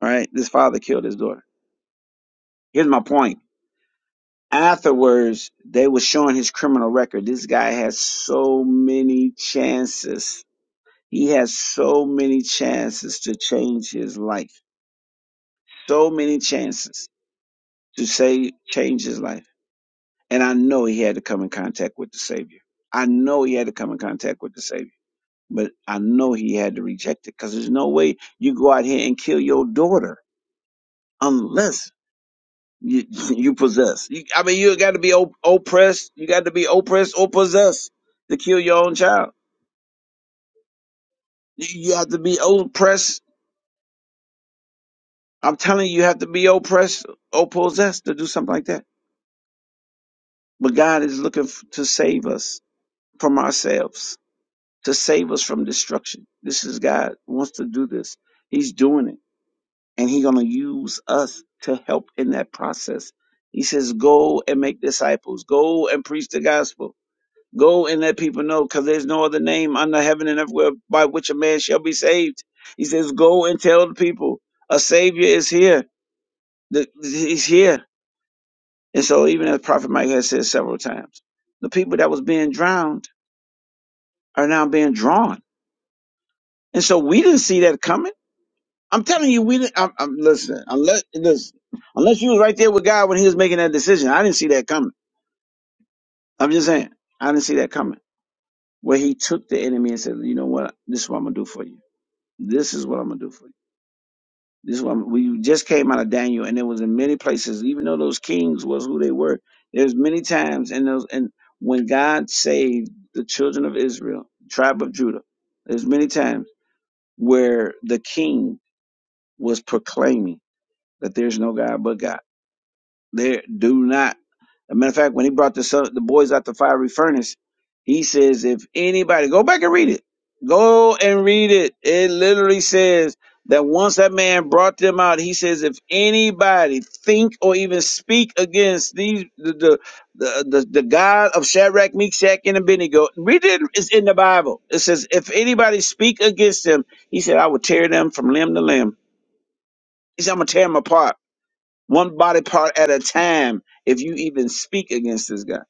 S1: right? This father killed his daughter. Here's my point. Afterwards, they were showing his criminal record. This guy has so many chances. He has so many chances to change his life so many chances to say change his life. And I know he had to come in contact with the Savior. I know he had to come in contact with the Savior. But I know he had to reject it because there's no way you go out here and kill your daughter unless you you possess. You, I mean, you got to be op- oppressed. You got to be oppressed or possessed to kill your own child. You, you have to be oppressed. I'm telling you, you have to be oppressed or possessed to do something like that. But God is looking f- to save us from ourselves to save us from destruction. This is God wants to do this. He's doing it. And he's going to use us to help in that process. He says, go and make disciples. Go and preach the gospel. Go and let people know because there's no other name under heaven and everywhere by which a man shall be saved. He says, go and tell the people a savior is here. The- He's here. And so even as Prophet Mike has said several times, the people that was being drowned are now being drawn. And so we didn't see that coming. I'm telling you, we didn't. I'm, I'm listen. Unless listen, unless you was right there with God when He was making that decision, I didn't see that coming. I'm just saying, I didn't see that coming. Where He took the enemy and said, "You know what? This is what I'm gonna do for you. This is what I'm gonna do for you. This is what I'm, we just came out of Daniel, and it was in many places. Even though those kings was who they were, there's many times and those and when God saved the children of Israel, tribe of Judah, there's many times where the king was proclaiming that there's no God but God There do not. As a matter of fact, when he brought the son, the boys out the fiery furnace, he says, if anybody go back and read it, go and read it. It literally says that once that man brought them out, he says, if anybody think or even speak against these the the the, the, the God of Shadrach, Meshach, and Abednego, read it. It's in the Bible. It says, if anybody speak against them, he said, I will tear them from limb to limb. He said, I'm gonna tear them apart one body part at a time if you even speak against this guy.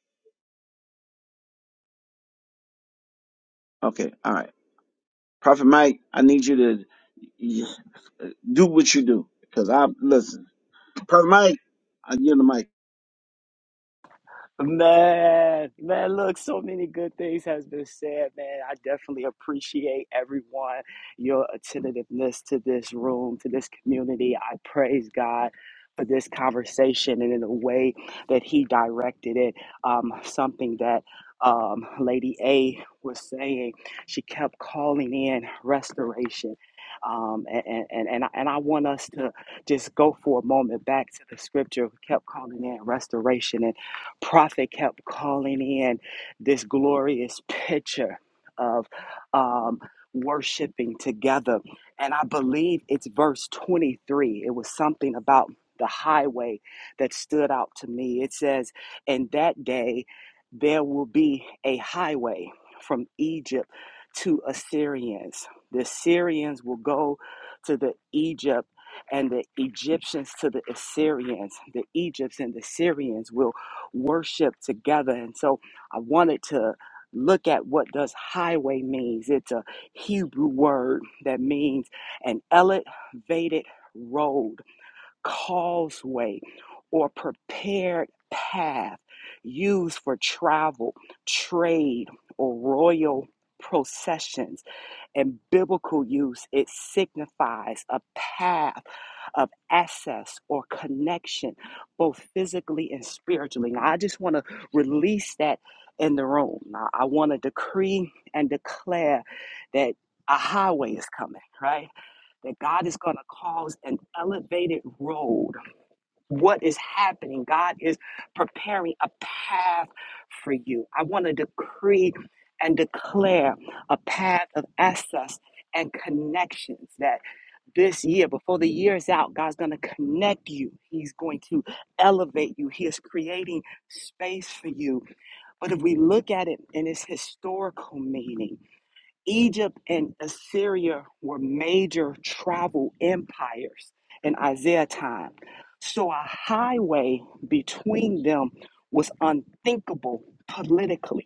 S1: Okay, all right. Prophet Mike, I need you to y- do what you do. Because I, listen, Prophet Mike, I give him the mic.
S2: Man, man, look, so many good things has been said, man. I definitely appreciate everyone, your attentiveness to this room, to this community. I praise God for this conversation and in the way that he directed it. Um, something that um, Lady A was saying, she kept calling in restoration. Um, and, and, and, I- and I want us to just go for a moment back to the scripture, kept calling in restoration Prophet kept calling in this glorious picture of um, worshiping together. And I believe it's verse 23. It was something about the highway that stood out to me. It says, In that day, there will be a highway from Egypt to Assyrians. The Syrians will go to the Egypt and the Egyptians to the Assyrians. The Egyptians and the Syrians will worship together. And so I wanted to look at what does highway means. It's a Hebrew word that means an elevated road, causeway, or prepared path used for travel, trade, or royal processions in biblical use, it signifies a path of access or connection, both physically and spiritually. Now, I just want to release that in the room. Now, I want to decree and declare that a highway is coming, right? That God is going to cause an elevated road what is happening. God is preparing a path for you. I want to decree and declare a path of access and connections that this year, before the year is out, God's going to connect you. He's going to elevate you. He is creating space for you. But if we look at it in its historical meaning, Egypt and Assyria were major travel empires in Isaiah time. So a highway between them was unthinkable politically.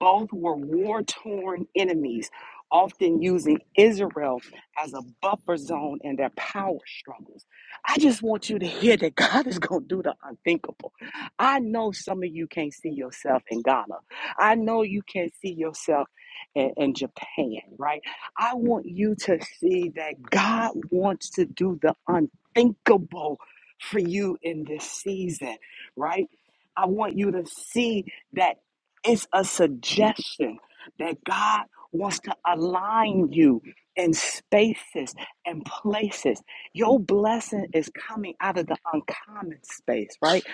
S2: Both were war torn enemies, often using Israel as a buffer zone in their power struggles. I just want you to hear that God is going to do the unthinkable. I know some of you can't see yourself in Ghana. I know you can't see yourself in, in Japan, right? I want you to see that God wants to do the unthinkable for you in this season, right? I want you to see that it's a suggestion that God wants to align you in spaces and places. Your blessing is coming out of the uncommon space, right?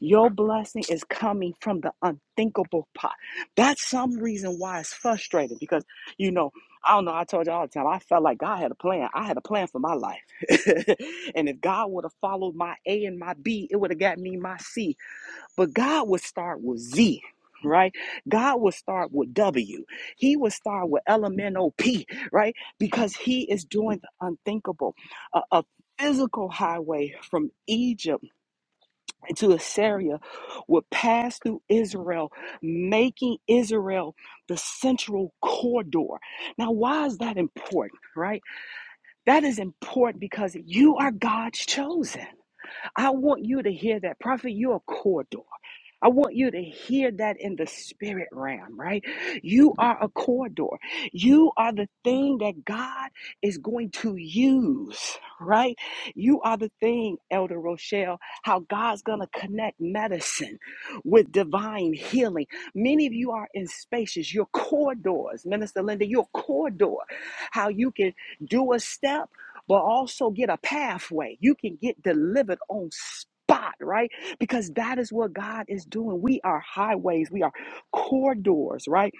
S2: Your blessing is coming from the unthinkable pot. That's some reason why it's frustrating because, you know, I don't know. I told you all the time, I felt like God had a plan. I had a plan for my life. and if God would have followed my A and my B, it would have got me my C but God would start with Z, right? God would start with W. He would start with LMNOP, right? Because He is doing the unthinkable. A, a physical highway from Egypt to Assyria would pass through Israel, making Israel the central corridor. Now, why is that important, right? That is important because you are God's chosen. I want you to hear that. Prophet, you're a corridor. I want you to hear that in the spirit realm, right? You are a corridor. You are the thing that God is going to use, right? You are the thing, Elder Rochelle, how God's going to connect medicine with divine healing. Many of you are in spaces, your corridors, Minister Linda, your corridor, how you can do a step, but also get a pathway. You can get delivered on spot, right? because that is what God is doing. We are highways, we are corridors, right?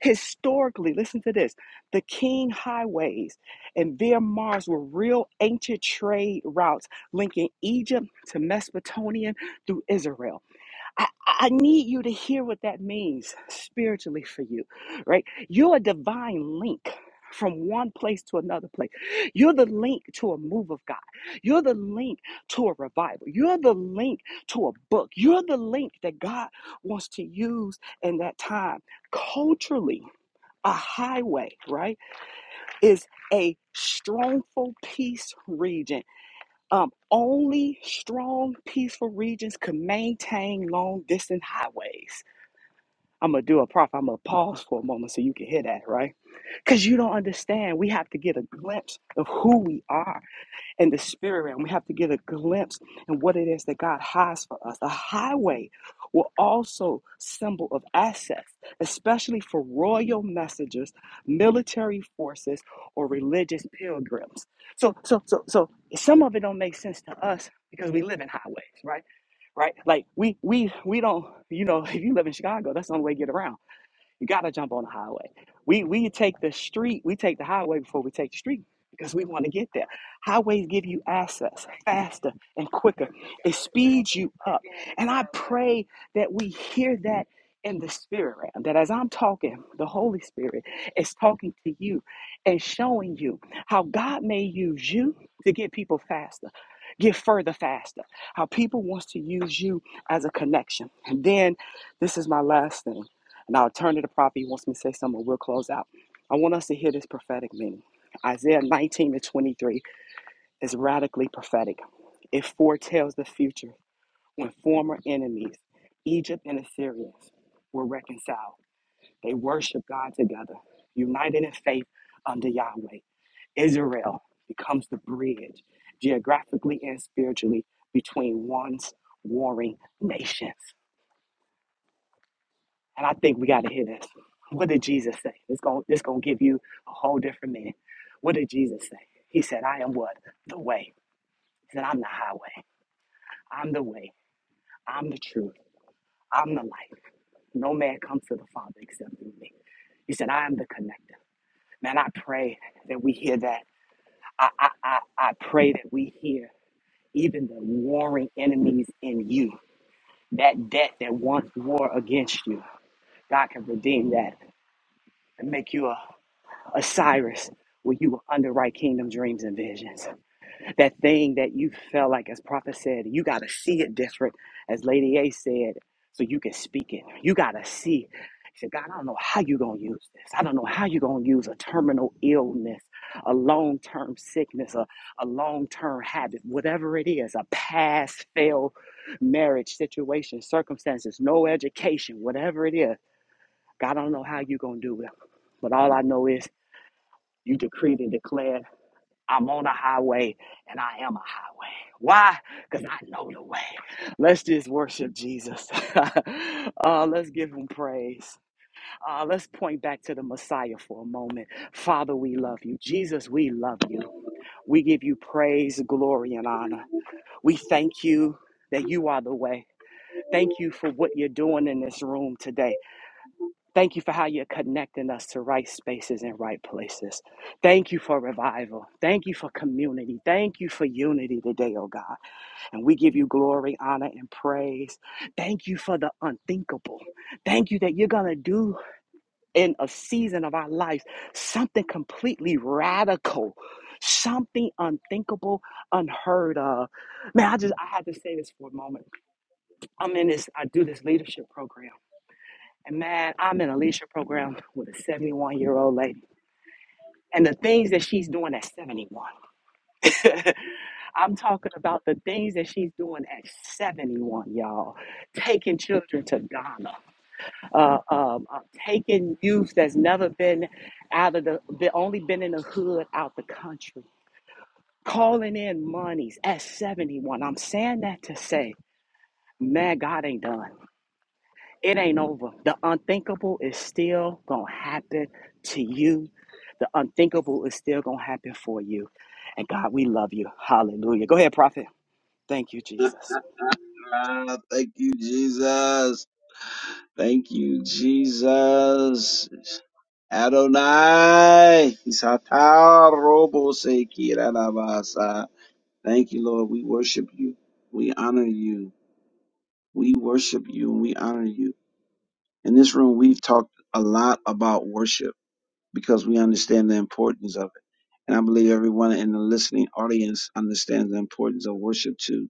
S2: Historically, listen to this the King highways and Via Mars were real ancient trade routes linking Egypt to Mesopotamia through Israel. I, I need you to hear what that means spiritually for you, right? You're a divine link from one place to another place. You're the link to a move of God. You're the link to a revival. You're the link to a book. You're the link that God wants to use in that time. Culturally, a highway, right, is a strongful peace region um, only strong, peaceful regions can maintain long distance highways. I'm gonna do a prof. I'm gonna pause for a moment so you can hear that, right? Because you don't understand. We have to get a glimpse of who we are in the spirit realm. We have to get a glimpse in what it is that God has for us. The highway will also symbol of access, especially for royal messengers, military forces, or religious pilgrims. So, so, so, so some of it don't make sense to us because we live in highways, right? Right? Like we, we, we don't. You know, if you live in Chicago, that's the only way to get around. You got to jump on the highway. We we take the street, we take the highway before we take the street because we want to get there. Highways give you access faster and quicker. It speeds you up. And I pray that we hear that in the spirit realm, that as I'm talking, the Holy Spirit is talking to you and showing you how God may use you to get people faster, get further faster, how people wants to use you as a connection. And then this is my last thing and I'll turn to the prophet. He wants me to say something. We'll close out. I want us to hear this prophetic meaning. Isaiah 19 to 23 is radically prophetic. It foretells the future when former enemies, Egypt and Assyrians, were reconciled. They worship God together, united in faith under Yahweh. Israel becomes the bridge, geographically and spiritually, between once warring nations. And I think we got to hear this. What did Jesus say? It's going to it's gonna give you a whole different meaning. What did Jesus say? He said, I am what? The way. He said, I'm the highway. I'm the way. I'm the truth. I'm the life. No man comes to the Father except through me. He said, I am the connector. Man, I pray that we hear that. I, I, I, I pray that we hear even the warring enemies in you. That debt that once war against you, God can redeem that and make you a Osiris, where you were under right kingdom dreams and visions. That thing that you felt like, as prophet said, you got to see it different, as Lady A said, so you can speak it. You got to see. He said, God, I don't know how you're going to use this. I don't know how you're going to use a terminal illness, a long term sickness, a, a long term habit, whatever it is, a past failed marriage situation, circumstances, no education, whatever it is. God, I don't know how you're going to do it. But all I know is you decreed and declared, I'm on a highway and I am a highway. Why? Because I know the way. Let's just worship Jesus. uh, let's give him praise. Uh, let's point back to the Messiah for a moment. Father, we love you. Jesus, we love you. We give you praise, glory, and honor. We thank you that you are the way. Thank you for what you're doing in this room today. Thank you for how you're connecting us to right spaces and right places. Thank you for revival. Thank you for community. Thank you for unity today, oh God. And we give you glory, honor, and praise. Thank you for the unthinkable. Thank you that you're going to do in a season of our lives something completely radical. Something unthinkable, unheard of. Man, I just I had to say this for a moment. I'm in this, I do this leadership program. And man, I'm in a leadership program with a 71 year old lady. And the things that she's doing at 71. I'm talking about the things that she's doing at 71, y'all. Taking children to Ghana, uh, um, uh, taking youth that's never been out of the, they only been in the hood out the country, calling in monies at 71. I'm saying that to say, man, God ain't done. It ain't over. The unthinkable is still going to happen to you. The unthinkable is still going to happen for you. And God, we love you. Hallelujah. Go ahead, prophet. Thank you, Jesus.
S1: Ah, thank you, Jesus. Thank you, Jesus. Adonai. Isataroboseikiranabasa. Thank you, Lord. We worship you. We honor you. We worship you and we honor you. In this room, we've talked a lot about worship because we understand the importance of it. And I believe everyone in the listening audience understands the importance of worship too.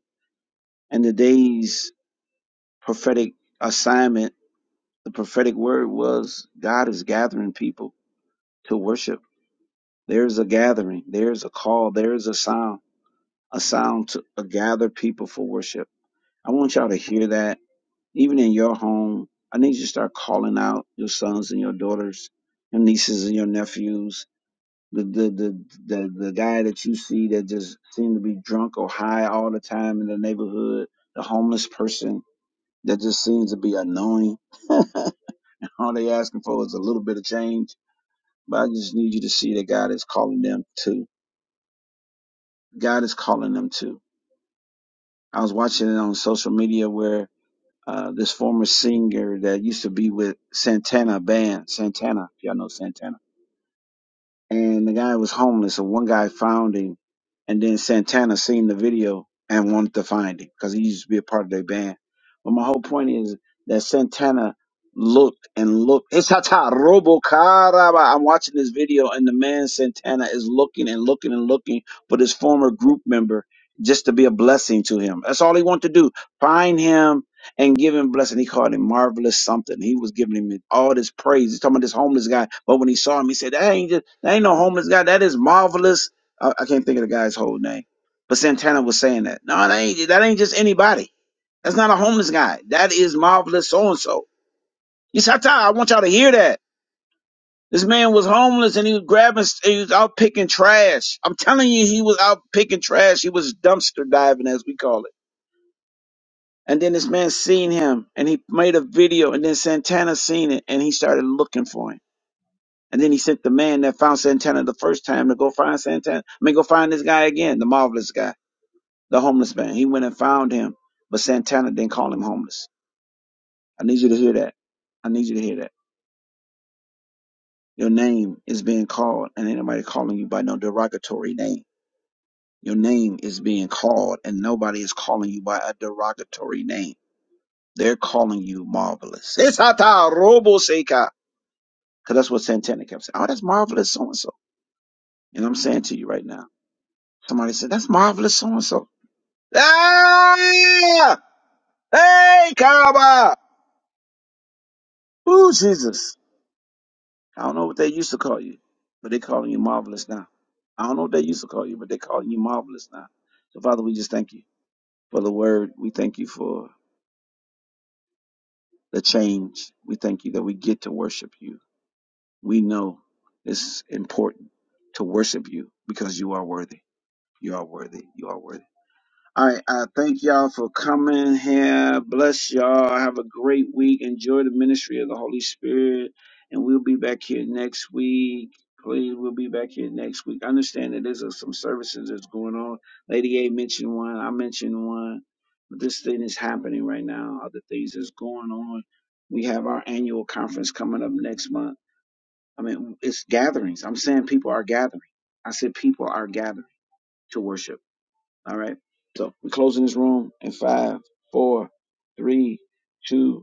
S1: And today's prophetic assignment, the prophetic word was God is gathering people to worship. There's a gathering, there's a call, there's a sound, a sound to uh, gather people for worship. I want y'all to hear that even in your home, I need you to start calling out your sons and your daughters, your nieces and your nephews, the the the the, the guy that you see that just seems to be drunk or high all the time in the neighborhood, the homeless person that just seems to be annoying. all they asking for is a little bit of change. But I just need you to see that God is calling them too. God is calling them too. I was watching it on social media where uh, this former singer that used to be with Santana band, Santana, if y'all know Santana. And the guy was homeless, and one guy found him, and then Santana seen the video and wanted to find him because he used to be a part of their band. But my whole point is that Santana looked and looked. It's hata robo caraba. I'm watching this video, and the man Santana is looking and looking and looking for this former group member just to be a blessing to him. That's all he wanted to do. Find him and giving blessing. He called him marvelous something. He was giving him all this praise. He's talking about this homeless guy. But when he saw him, he said, That ain't just, that ain't no homeless guy. That is marvelous. I, I can't think of the guy's whole name. But Santana was saying that. No, that ain't that ain't just anybody. That's not a homeless guy. That is marvelous so and so. He said, I want y'all to hear that. This man was homeless and he was grabbing, he was out picking trash. I'm telling you, he was out picking trash. He was dumpster diving, as we call it. And then this man seen him and he made a video and then Santana seen it and he started looking for him. And then he sent the man that found Santana the first time to go find Santana. I mean, go find this guy again, the marvelous guy, the homeless man. He went and found him, but Santana didn't call him homeless. I need you to hear that. I need you to hear that. Your name is being called and ain't nobody calling you by no derogatory name. Your name is being called and nobody is calling you by a derogatory name. They're calling you marvelous. It's Robo Because that's what Santana kept saying. Oh, that's marvelous so and so. And I'm saying to you right now. Somebody said, that's marvelous so and so. Ah! Hey, Kaba! Ooh, Jesus. I don't know what they used to call you, but they calling you marvelous now. I don't know what they used to call you, but they calling you marvelous now. So, Father, we just thank you for the word. We thank you for the change. We thank you that we get to worship you. We know it's important to worship you because you are worthy. You are worthy. You are worthy. All right, I thank y'all for coming here. Bless y'all. Have a great week. Enjoy the ministry of the Holy Spirit. And we'll be back here next week. Please, we'll be back here next week. I understand that there's uh, some services that's going on. Lady A mentioned one. I mentioned one. But this thing is happening right now. Other things that's going on. We have our annual conference coming up next month. I mean, it's gatherings. I'm saying people are gathering. I said people are gathering to worship. All right. So we're closing this room in five, four, three, two,